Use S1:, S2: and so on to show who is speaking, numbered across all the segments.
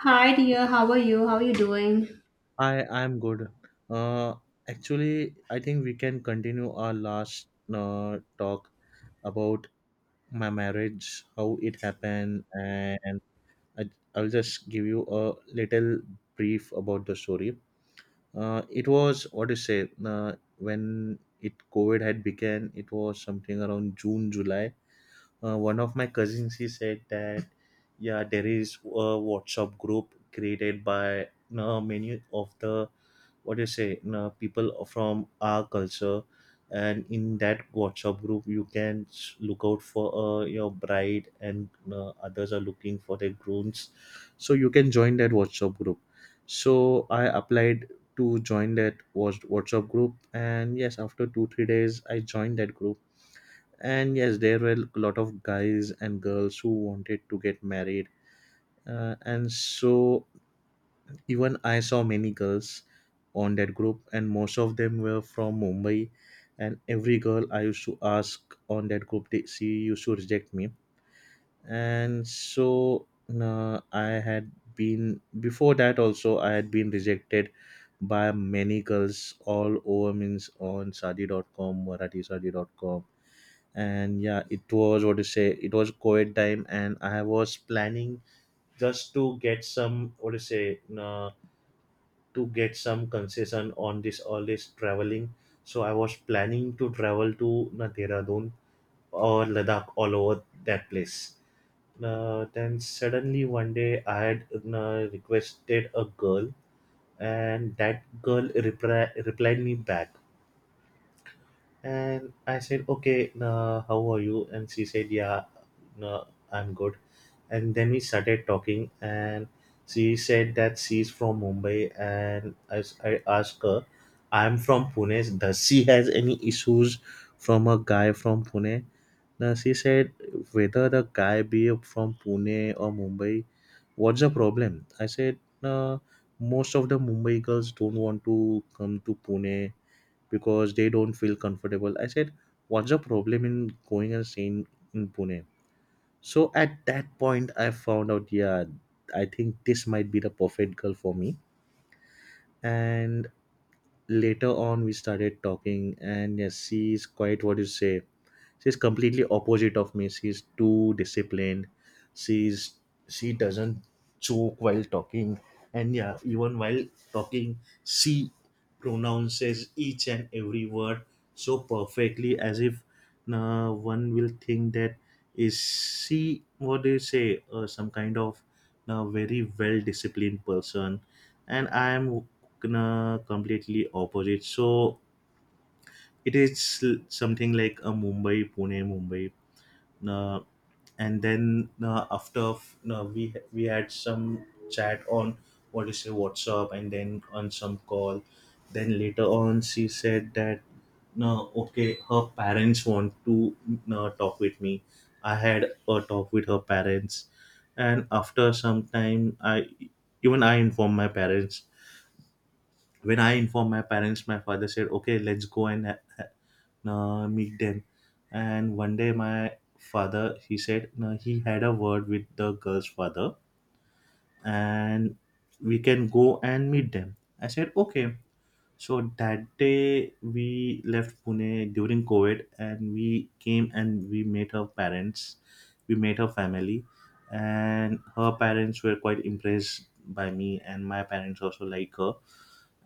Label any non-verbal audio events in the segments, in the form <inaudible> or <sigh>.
S1: Hi dear, how are you? How are you doing?
S2: I'm good. Uh, Actually, I think we can continue our last talk about my marriage, how it happened, and I, I'll just give you a little brief about the story. It was what do you say? When it COVID had began, it was something around June, July, one of my cousins he said that yeah, there is a WhatsApp group created by many of the what do you say people from our culture, and in that WhatsApp group you can look out for your bride and others are looking for their grooms, so you can join that WhatsApp group. So I applied to join that was WhatsApp group, and yes, after 2-3 days I joined that group. And yes, there were a lot of guys and girls who wanted to get married. And so even I saw many girls on that group, and most of them were from Mumbai. And every girl I used to ask on that group, she used to reject me. And so I had been, before that also I had been rejected by many girls all over, means on Sadi dot sadi.com, marathi sadi.com, and yeah, it was what to say, it was COVID time and I was planning just to get some what to say, to get some concession on this all this traveling. So I was planning to travel to Dehradun or Ladakh, all over that place. Then suddenly one day I had requested a girl, and that girl replied me back. And I said, okay, nah, how are you? And she said, yeah, nah, I'm good. And then we started talking, and she said that she's from Mumbai. And as I asked her, I'm from Pune. Does she has any issues from a guy from Pune? Now she said, whether the guy be from Pune or Mumbai, what's the problem? I said, nah, most of the Mumbai girls don't want to come to Pune because they don't feel comfortable. I said, what's the problem in going and staying in Pune? So at that point, I found out, yeah, I think this might be the perfect girl for me. And later on we started talking, and yes, she is quite what do you say, she's completely opposite of me. She's too disciplined, she's, she doesn't choke while talking. And yeah, even while talking she pronounces each and every word so perfectly, as if one will think that is she what do you say some kind of very well disciplined person, and I am completely opposite. So it is something like a Mumbai, Pune, Mumbai, uh, and then after we had some chat on what is a WhatsApp, and then on some call. Then later on, she said that no, okay, her parents want to talk with me. I had a talk with her parents, and after some time, I informed my parents. When I informed my parents, my father said, "Okay, let's go and meet them." And one day, my father he said he had a word with the girl's father, and we can go and meet them. I said, "Okay." So that day we left Pune during COVID, and we came and we met her parents, we met her family, and her parents were quite impressed by me, and my parents also like her,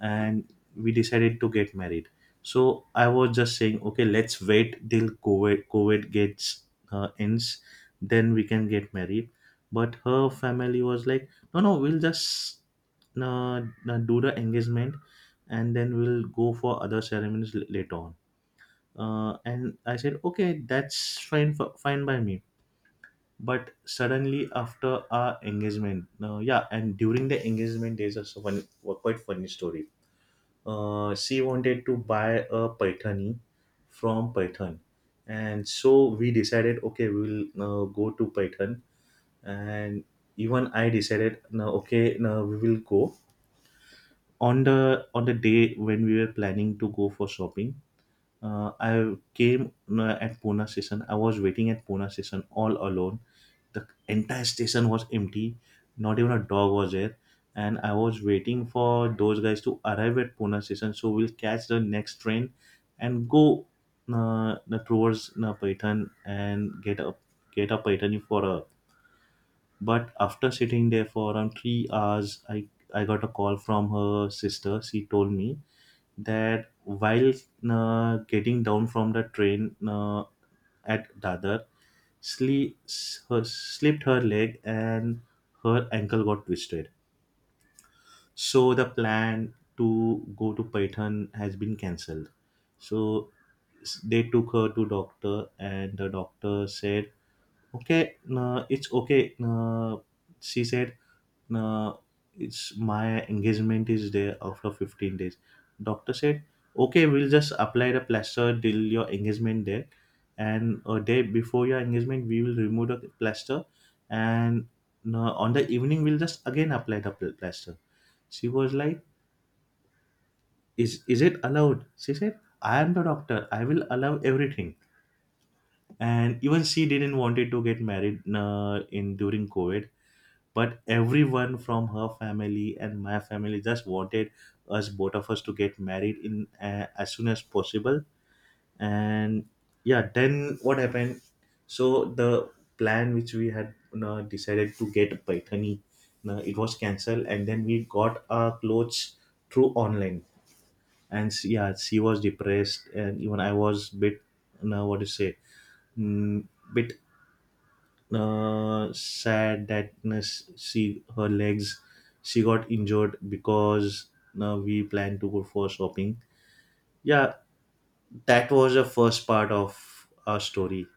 S2: and we decided to get married. So I was just saying, okay, let's wait till COVID gets ends, then we can get married. But her family was like, no, no, we'll just uh, do the engagement, and then we'll go for other ceremonies later on. And I said, okay, that's fine, fine by me. But suddenly after our engagement, yeah, and during the engagement, there's also one quite funny story. She wanted to buy a Paithani from Python, and so we decided, okay, we'll go to Python, and even I decided, no, okay, no, we will go on the day when we were planning to go for shopping. I came at Pune station. I was waiting at Pune station all alone. The entire station was empty. Not even a dog was there. And I was waiting for those guys to arrive at Pune station so we'll catch the next train and go uh, towards Paitan and get a Paitan for a, but after sitting there for around 3 hours, I got a call from her sister. She told me that while getting down from the train at Dadar, slipped her leg and her ankle got twisted. So the plan to go to Python has been cancelled. So they took her to doctor, and the doctor said, okay, no, it's okay. No, she said, no, it's my engagement is there after 15 days. Doctor said, okay, we'll just apply the plaster till your engagement day. And a day before your engagement, we will remove the plaster. And no, on the evening, we'll just again apply the plaster. She was like, is it allowed? She said, I am the doctor. I will allow everything. And even she didn't wanted to get married in during COVID, but everyone from her family and my family just wanted us both of us to get married in as soon as possible. And yeah, then what happened, so the plan which we had, you know, decided to get Paithani, you know, it was cancelled, and then we got our clothes through online. And yeah, she was depressed, and even I was bit, you know, what to say, mm, bit sadness. She her legs, she got injured because we planned to go for shopping. Yeah, that was the first part of our story.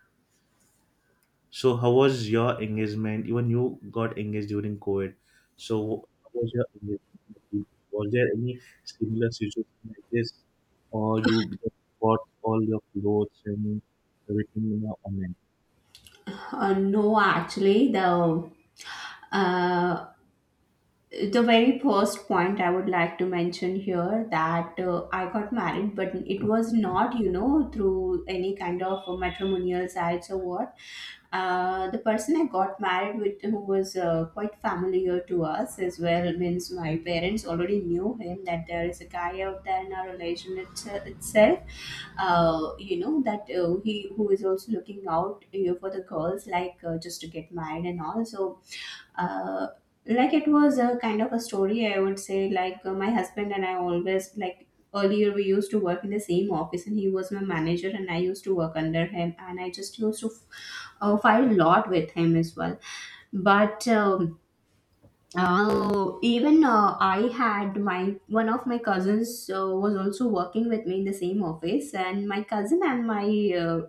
S2: So how was your engagement? Even you got engaged during COVID. So how was your engagement? Was there any similar situation like this, or you just bought all your clothes and everything, you know, online?
S1: No, actually, the very first point I would like to mention here that I got married, but it was not, you know, through any kind of matrimonial sites or what. The person I got married with, who was quite familiar to us as well, means my parents already knew him that there is a guy out there in our relation it's, itself. You know that he who is also looking out, you know, for the girls, like just to get married and all. So uh, like it was a kind of a story, I would say, like my husband and I always, like, earlier we used to work in the same office and he was my manager and I used to work under him and I just used to fight a lot with him as well, but even I had my one of my cousins was also working with me in the same office, and my cousin and my uh,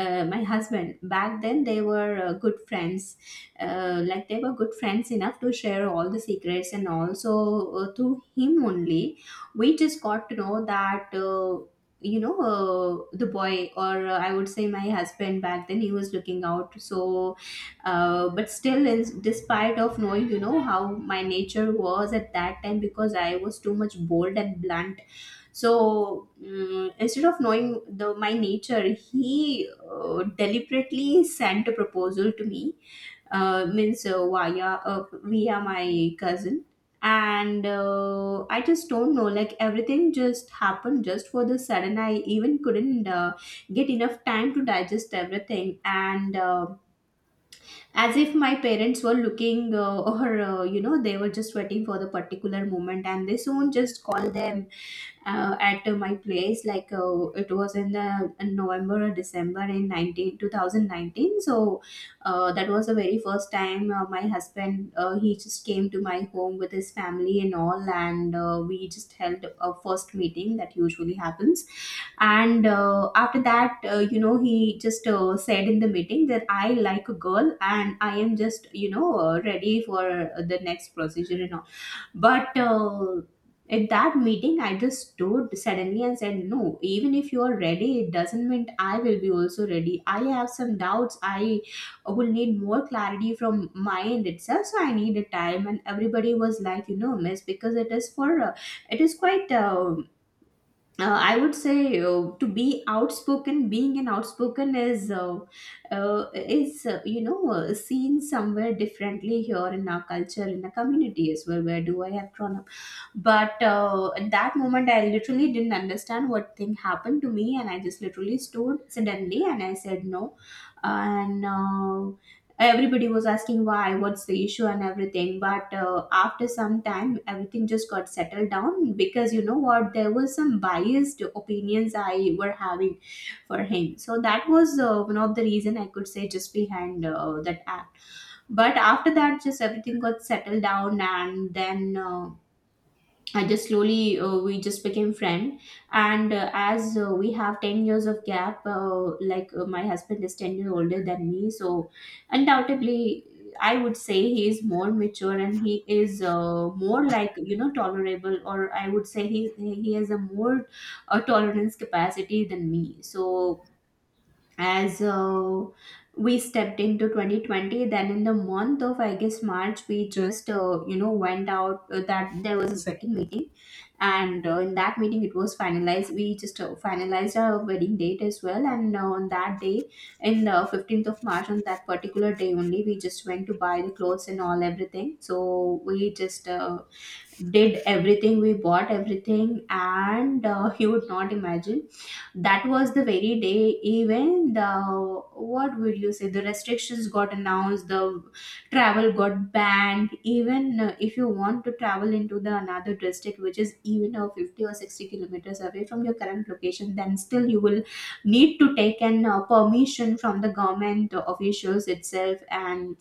S1: my husband back then, they were good friends, like they were good friends enough to share all the secrets and all. So through him only, we just got to know that, you know, the boy, or I would say my husband back then, he was looking out. So, but still, in despite of knowing, you know, how my nature was at that time, because I was too much bold and blunt, so instead of knowing the my nature, he deliberately sent a proposal to me, means via my cousin. And I just don't know, like everything just happened just for the sudden. I even couldn't get enough time to digest everything, and as if my parents were looking, or you know, they were just waiting for the particular moment, and they soon just called them at my place. Like, it was in the in November or December in 19 2019. So that was the very first time my husband, he just came to my home with his family and all, and we just held a first meeting that usually happens. And after that, you know, he just said in the meeting that "I like a girl and I am just, you know, ready for the next procedure and all." But at that meeting, I just stood suddenly and said, "No, even if you are ready, it doesn't mean I will be also ready. I have some doubts. I will need more clarity from my end itself. So I need a time." And everybody was like, "You know, miss, because it is for, it is quite. I would say, to be outspoken, being an outspoken is you know, seen somewhere differently here in our culture, in our community as well. Where do I have grown up?" But at that moment, I literally didn't understand what thing happened to me, and I just literally stood suddenly and I said no. And everybody was asking why, what's the issue, and everything. But after some time, everything just got settled down, because you know what, there was some biased opinions I were having for him. So that was one of the reason I could say just behind that act. But after that, just everything got settled down, and then I just slowly, we just became friend, and as we have 10 years of gap, like my husband is 10 years older than me, so undoubtedly I would say he is more mature, and he is more like, you know, tolerable, or I would say he has a more tolerance capacity than me. So as we stepped into 2020, then in the month of, I guess, March, we just, you know, went out, that there was a second meeting, and in that meeting it was finalized. We just finalized our wedding date as well, and on that day, in the 15th of March, on that particular day only, we just went to buy the clothes and all, everything. So we just did everything, we bought everything, and <laughs> you would not imagine, that was the very day, even the, what would you say, the restrictions got announced, the travel got banned. Even if you want to travel into the another district which is even a 50 or 60 kilometers away from your current location, then still you will need to take an permission from the government officials itself, and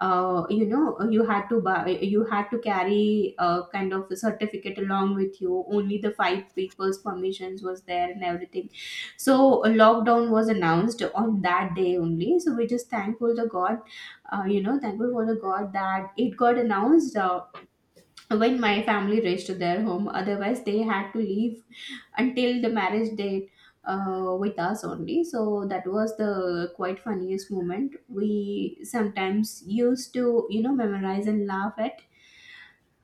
S1: you know, you had to carry a kind of a certificate along with you. Only the five people's permissions was there, and everything. So a lockdown was announced on that day only, so we're just thankful to God. You know, thankful for the God that it got announced when my family reached their home, otherwise they had to leave until the marriage date with us only. So that was the quite funniest moment, we sometimes used to, you know, memorize and laugh at.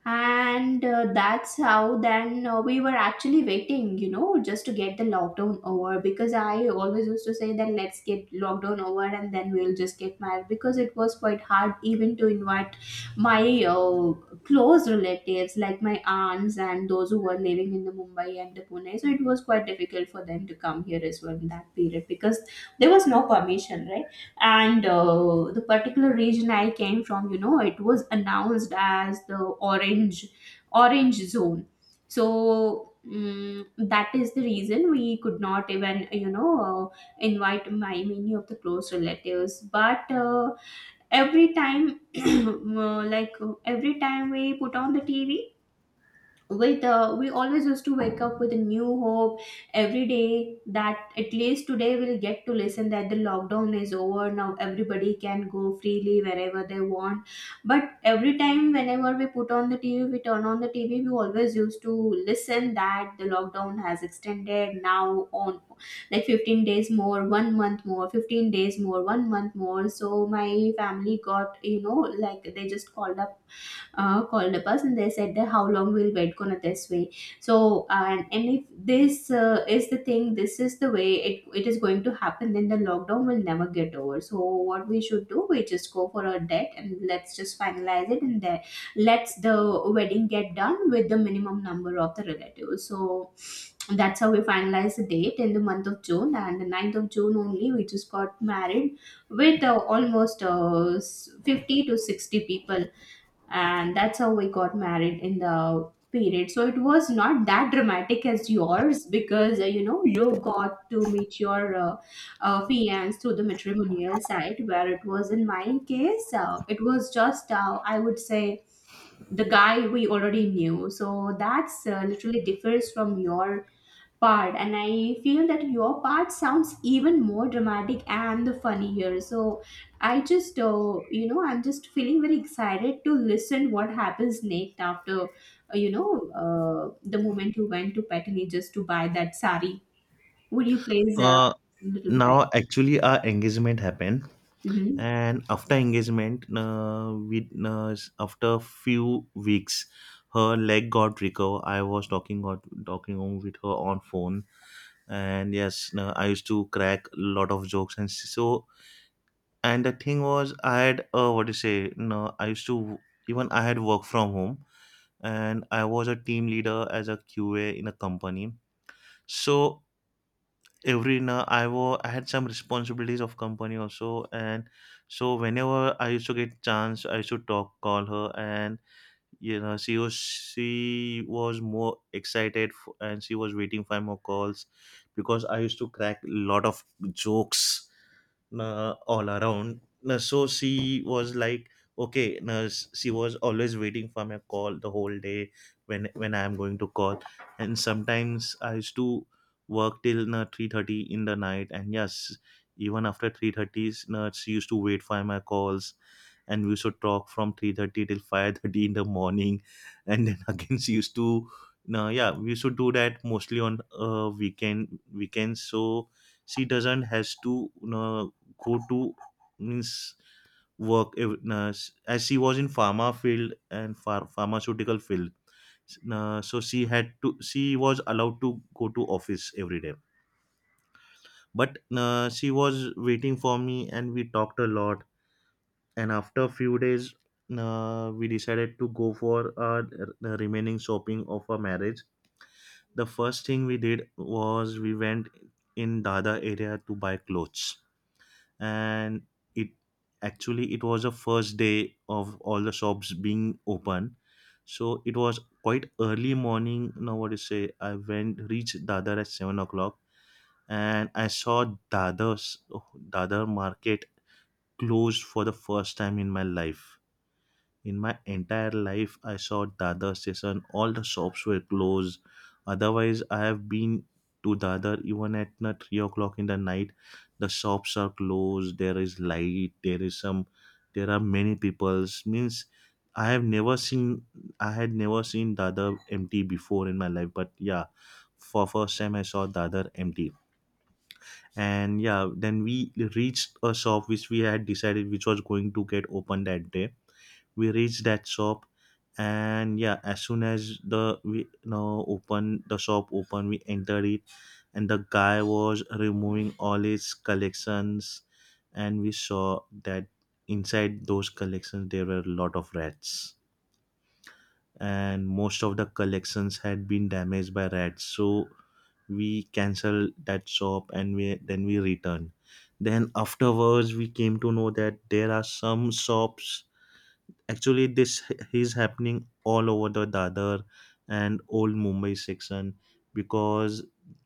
S1: And that's how, then, we were actually waiting, you know, just to get the lockdown over, because I always used to say that "Let's get lockdown over and then we'll just get married," because it was quite hard even to invite my close relatives like my aunts and those who were living in the Mumbai and the Pune. So it was quite difficult for them to come here as well in that period, because there was no permission, right? And the particular region I came from, you know, it was announced as the orange orange zone. So that is the reason we could not even, you know, invite my many of the close relatives. But every time <clears throat> like, every time we put on the TV, with we always used to wake up with a new hope every day that at least today we'll get to listen that the lockdown is over, now everybody can go freely wherever they want. But every time, whenever we turn on the TV, we always used to listen that the lockdown has extended now on, like, 15 days more, one month more, 15 days more, one month more. So my family got, you know, like they just called up us and they said that, "How long we'll wait gonna this way? So and if this is the thing, this is the way it is going to happen, then the lockdown will never get over. So what we should do, we just go for a date and let's just finalize it, and then let's the wedding get done with the minimum number of the relatives." So that's how we finalized the date in the month of June, and the ninth of June only we just got married with almost, 50 to 60 people. And that's how we got married in the period. So it was not that dramatic as yours, because you know, you got to meet your fiance through the matrimonial side, where it was in my case, it was just, I would say, the guy we already knew. So that's literally differs from your part, and I feel that your part sounds even more dramatic and the funny here. So I just, you know, I'm just feeling very excited to listen what happens next after, you know, uh, the moment you went to Patani just to buy that sari. Would you please
S2: Uh,
S1: little bit high?
S2: now actually our engagement happened,
S1: Hmm.
S2: and after engagement after few weeks her leg got recover. I was talking got Talking on with her on phone, and yes, I used to crack a lot of jokes, so. And the thing was, I had, what do you say no I used to, even I had work from home, and I was a team leader as a QA in a company. So every now, I had some responsibilities of company also, and so whenever I used to get chance, I used to talk, call her, and you know, she was more excited, and she was waiting for more calls because I used to crack a lot of jokes all around. So she was like, okay, she was always waiting for my call the whole day, when I am going to call. And sometimes I used to work till 3:30 in the night, and yes, even after 3:30, she used to wait for my calls. And we used to talk from 3:30 till 5:30 in the morning, and then <laughs> again she used to, no, yeah, we used to do that mostly on weekends. So she doesn't has to go to means work as she was in pharma field and pharmaceutical field, so she was allowed to go to office every day. But she was waiting for me and we talked a lot, and after a few days we decided to go for the remaining shopping of our marriage. The first thing we did was we went in dada area to buy clothes. And it actually it was the first day of all the shops being open, so it was quite early morning. Now what to say, I went reached dadar at 7 o'clock and I saw dadar market closed for the first time in my life. In my entire life I saw dadar station, all the shops were closed. Otherwise I have been to dadar even at 3 o'clock in the night, the shops are closed, there is light, there is some, there are many peoples means. I have never seen, I had never seen dadar empty before in my life, but yeah, for first time I saw dadar empty. And yeah, then we reached a shop which we had decided which was going to get open that day. We reached that shop, and yeah, as soon as the we open the shop open we entered it, and the guy was removing all his collections. And we saw that inside those collections there were a lot of rats, and most of the collections had been damaged by rats. So we canceled that shop and we then we returned. Then afterwards we came to know that there are some shops, actually this is happening all over the dadar and old Mumbai section, because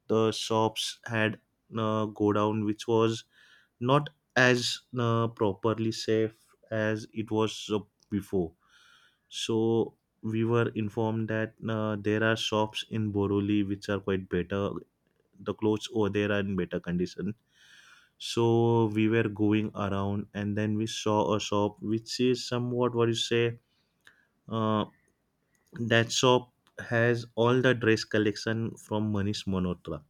S2: the shops had go down which was not as properly safe as it was before. So we were informed that there are shops in Boroli which are quite better, the clothes over there are in better condition. So we were going around and then we saw a shop which is somewhat what you say, uh, that shop has all the dress collection from Manish Monotra.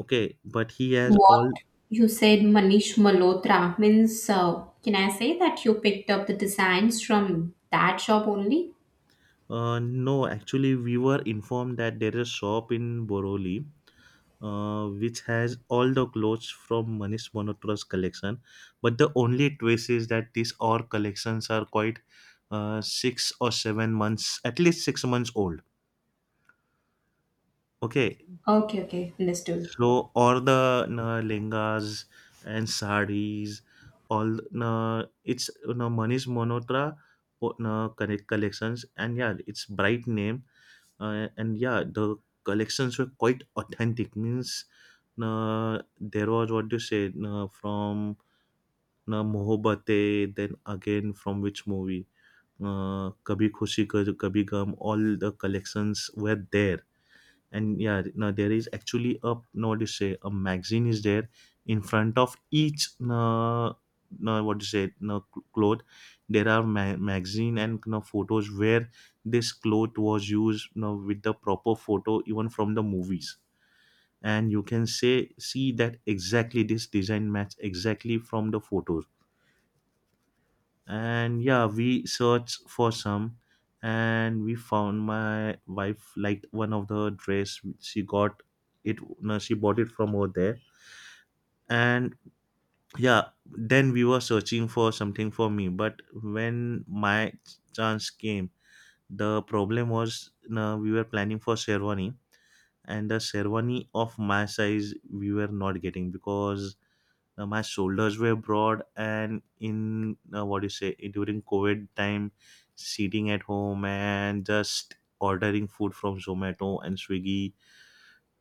S2: Okay, but he has
S1: What
S2: all.
S1: you said, Manish Malhotra, means can I say that you picked up the designs from that shop only?
S2: No, actually, we were informed that there is a shop in Boroli which has all the clothes from Manish Monotra's collection. But the only twist is that these all collections are quite 6 or 7 months, at least 6 months old. Okay.
S1: Okay, okay, understood.
S2: So all the lehengas and sarees, all it's Manish Monotra connect collections, and yeah, it's bright name, and yeah, the collections were quite authentic. Means you there was what you said you from Mohobate, then again from which movie? Kabhi Khushi Kabhi Gum, all the collections were there. And yeah, no, there is actually a no what do you say, a magazine is there in front of each no, no what do you say, no cloth, there are magazine and no photos where this cloth was used no with the proper photo even from the movies, and you can say see that exactly this design match exactly from the photos. And yeah, we searched for some and we found my wife liked one of the dress which she got it no, she bought it from over there. And yeah, then we were searching for something for me, but when my chance came the problem was no, we were planning for sherwani, and the sherwani of my size we were not getting because my shoulders were broad, and in what do you say, during covid time sitting at home and just ordering food from Zomato and Swiggy.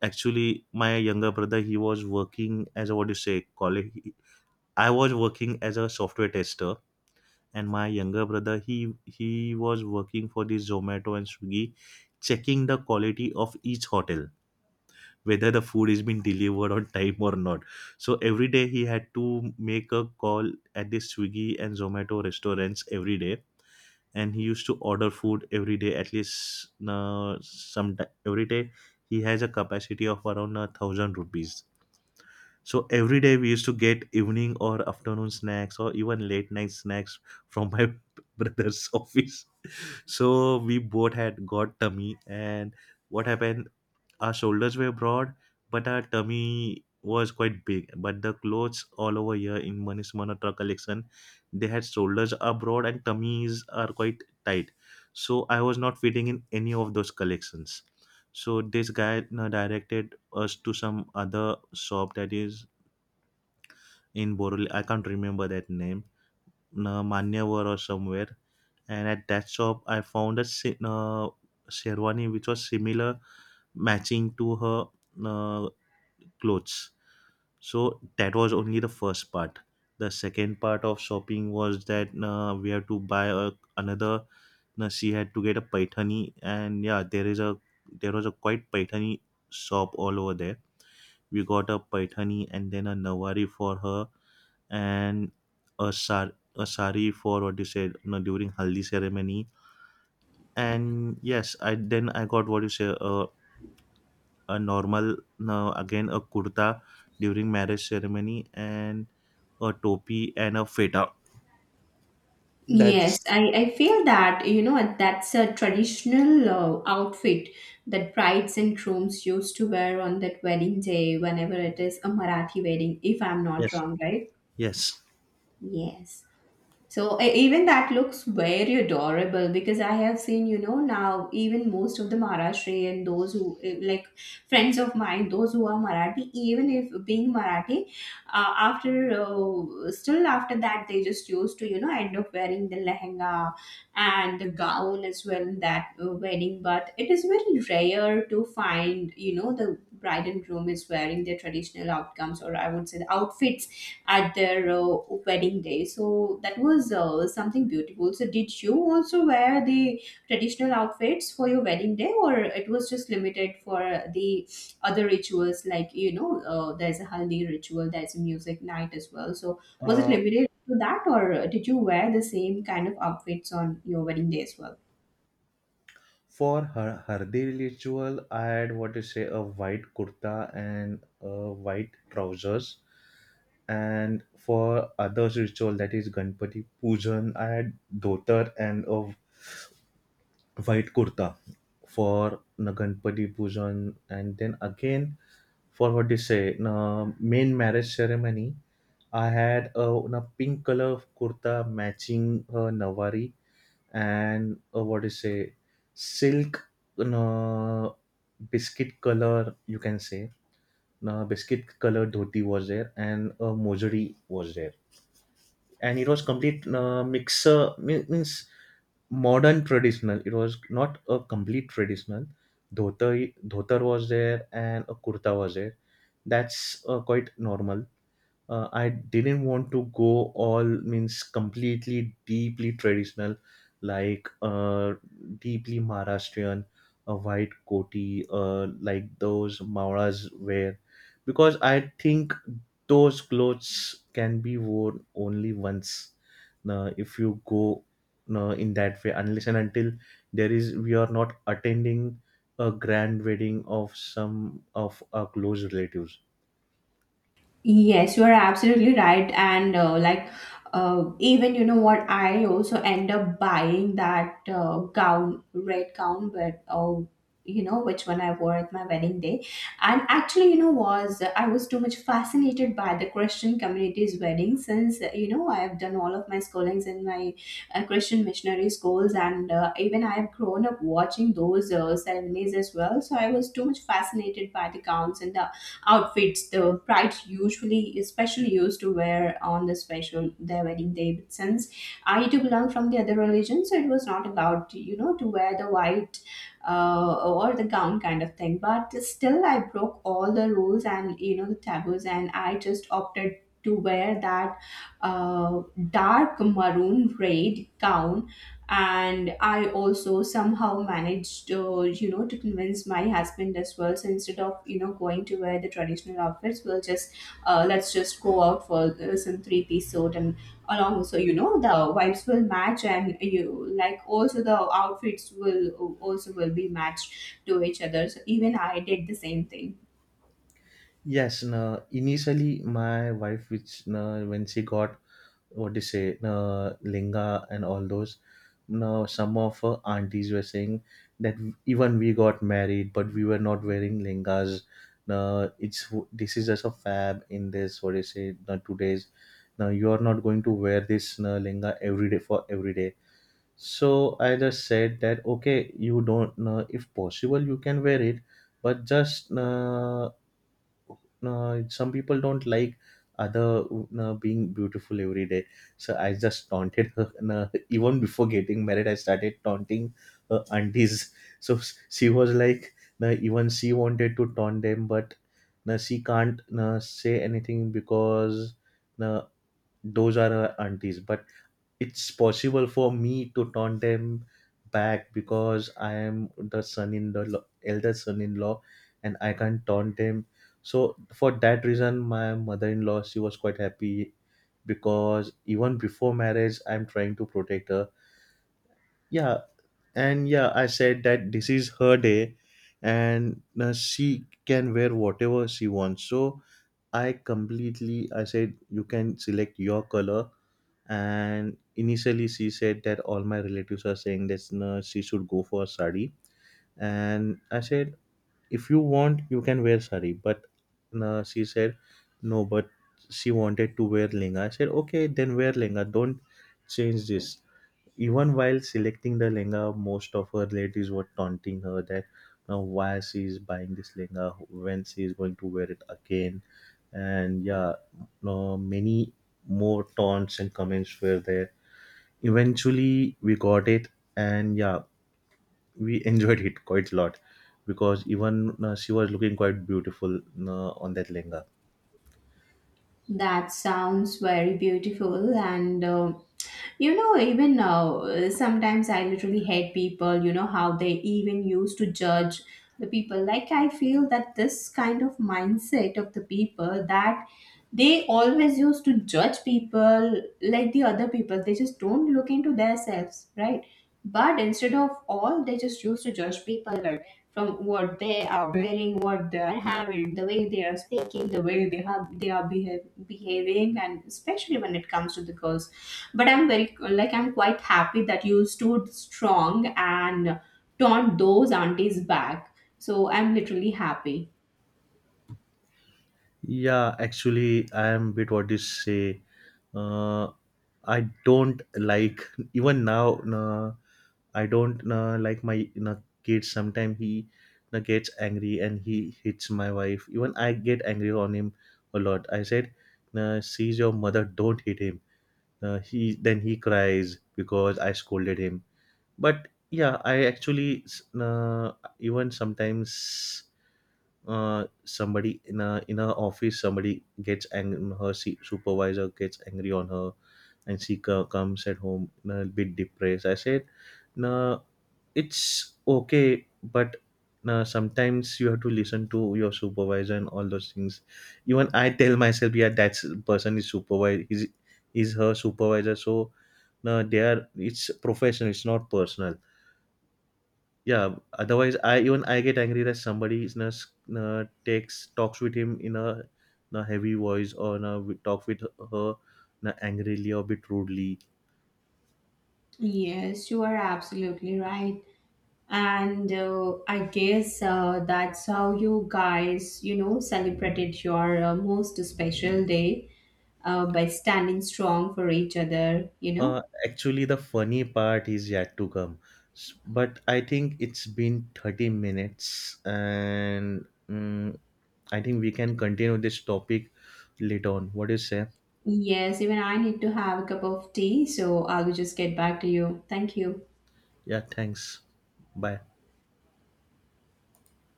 S2: Actually my younger brother he was working as a what do you say college, I was working as a software tester, and my younger brother he was working for the Zomato and Swiggy, checking the quality of each hotel whether the food is being delivered on time or not. So every day he had to make a call at the Swiggy and Zomato restaurants every day, and he used to order food every day, at least some every day. He has a capacity of around 1,000 rupees. So every day we used to get evening or afternoon snacks or even late night snacks from my <laughs> brother's office. So we both had got tummy, and what happened, our shoulders were broad, but our tummy was quite big. But the clothes all over here in Manish Malhotra collection, they had shoulders are broad and tummies are quite tight. So I was not fitting in any of those collections. So this guy directed us to some other shop that is in Boroli. I can't remember that name, Manyavar or somewhere. And at that shop, I found a sherwani which was similar matching to her uh, clothes. So that was only the first part. The second part of shopping was that we had to buy a, another. She had to get a paithani, and yeah, there is a there was a quite paithani shop all over there. We got a paithani and then a nawari for her, and a sar a sari for what you said during haldi ceremony. And yes, I then I got what you say a normal no, again a kurta during marriage ceremony, and a topi and a feta.
S1: Yes,
S2: That's
S1: I feel that, you know, that's a traditional outfit that brides and grooms used to wear on that wedding day, whenever it is a Marathi wedding, if I'm not
S2: Yes.
S1: wrong, right?
S2: Yes.
S1: Yes. So even that looks very adorable, because I have seen, you know, now even most of the Maharashtrian and those who, like friends of mine, those who are Marathi, even if being Marathi, after still after that they just used to, you know, end up wearing the lehenga and the gown as well in that wedding. But it is very rare to find, you know, the bride and groom is wearing their traditional outcomes, or I would say the outfits at their wedding day. So that was something beautiful. So did you also wear the traditional outfits for your wedding day, or it was just limited for the other rituals, like, you know, there's a haldi ritual, there's a music night as well. So was it
S2: uh,
S1: limited to that, or did you wear the same kind of outfits on your wedding day as well?
S2: for her Hardi ritual, I had what to say a white kurta and white trousers. And for others ritual that is Ganpati Pujan, I had dhotar and a white kurta for the Ganpati Pujan. And then again for what do you say main marriage ceremony I had a pink color kurta matching her nawari, and what do you say silk uh, biscuit color you can say, biscuit color dhoti was there and a mojari was there. And it was complete mixer, means modern traditional, it was not a complete traditional dhotar, dhotar was there and a kurta was there, that's quite normal. I didn't want to go all means completely deeply traditional, like deeply Maharashtrian, a white koti, like those Mauras wear, because I think those clothes can be worn only once. Now, if you go in that way, unless and until there is, we are not attending a grand wedding of some of our close relatives.
S1: Yes, you are absolutely right. And even, you know what, I also end up buying that gown, red gown, but oh, you know, which one I wore at my wedding day. And actually, you know, was I was too much fascinated by the Christian community's wedding, since you know, I've done all of my schoolings in my Christian missionary schools, and even I've grown up watching those ceremonies as well. So I was too much fascinated by the gowns and the outfits the brides usually especially used to wear on the special their wedding day. But since I do belong from the other religion, so it was not allowed to, you know, to wear the white or the gown kind of thing. But still, I broke all the rules and, you know, the taboos, and I just opted to wear that uh, dark maroon red gown, and I also somehow managed, you know, to convince my husband as well. So instead of, you know, going to wear the traditional outfits, we'll just, let's just go out for some three-piece suit and along, so you know the vibes will match and you, like, also the outfits will also will be matched to each other. So even I did the same thing.
S2: Yes, no, initially my wife, which no, when she got what do you say, no, linga and all those, no, some of her aunties were saying that even we got married, but we were not wearing lingas. No, it's this is just a fab in this what do you say, no, today's. Now you are not going to wear this no, linga every day for every day. So I just said that okay, you don't. No, if possible, you can wear it, but just. No, some people don't like other being beautiful every day. So I just taunted her, and even before getting married I started taunting her aunties. So she was like, even she wanted to taunt them, but she can't say anything because uh, those are her aunties, but it's possible for me to turn them back because I am the son in the law, elder son in law, and I can't turn them. So for that reason, my mother in law she was quite happy because even before marriage, I'm trying to protect her. Yeah, and yeah, I said that this is her day, and she can wear whatever she wants. So I said you can select your color. And initially she said that all my relatives are saying that no, she should go for sari. And I said, if you want you can wear sari, but no, she said no, but she wanted to wear lenga. I said okay, then wear lenga, don't change this. Even while selecting the lenga, most of her relatives were taunting her that now why she is buying this lenga when she is going to wear it again. And yeah, no, many more taunts and comments were there. Eventually, we got it, and yeah, we <laughs> enjoyed it quite a lot because even she was looking quite beautiful on that lenga.
S1: That sounds very beautiful. And you know, even now sometimes I literally hate people, you know, how they even used to judge the people. Like, I feel that this kind of mindset of the people, that they always used to judge people, like the other people, they just don't look into themselves, right? But instead of all, they just used to judge people, right? From what they are wearing, what they are having, the way they are speaking, the way they are behaving, and especially when it comes to the girls. But I'm very, like, I'm quite happy that you stood strong and turned those aunties back. So I'm literally happy.
S2: Yeah, actually, I am bit what do you say. Uh, I don't like even now. I don't like my kid. Sometimes he gets angry and he hits my wife. Even I get angry on him a lot. I said, "She's your mother. Don't hit him." He then he cries because I scolded him. But yeah, I actually even sometimes somebody in a office somebody gets angry. Her supervisor gets angry on her, and she comes at home a bit depressed. I said, "No, it's okay, but." Now, sometimes you have to listen to your supervisor and all those things. Even I tell myself, yeah, that person is supervisor. He's her supervisor, so no they are it's professional it's not personal. Yeah, otherwise I even I get angry that somebody is not takes talks with him in a heavy voice or in a, we talk with her in a angrily or a bit rudely.
S1: Yes, you are absolutely right. And I guess that's how you guys, you know, celebrated your most special day, by standing strong for each other, you know.
S2: uh, Actually the funny part is yet to come. But I think it's been 30 minutes and I think we can continue this topic later on, what do you say.
S1: Yes, even I need to have a cup of tea, so I will just get back to you. Thank you.
S2: Yeah, thanks. Bye.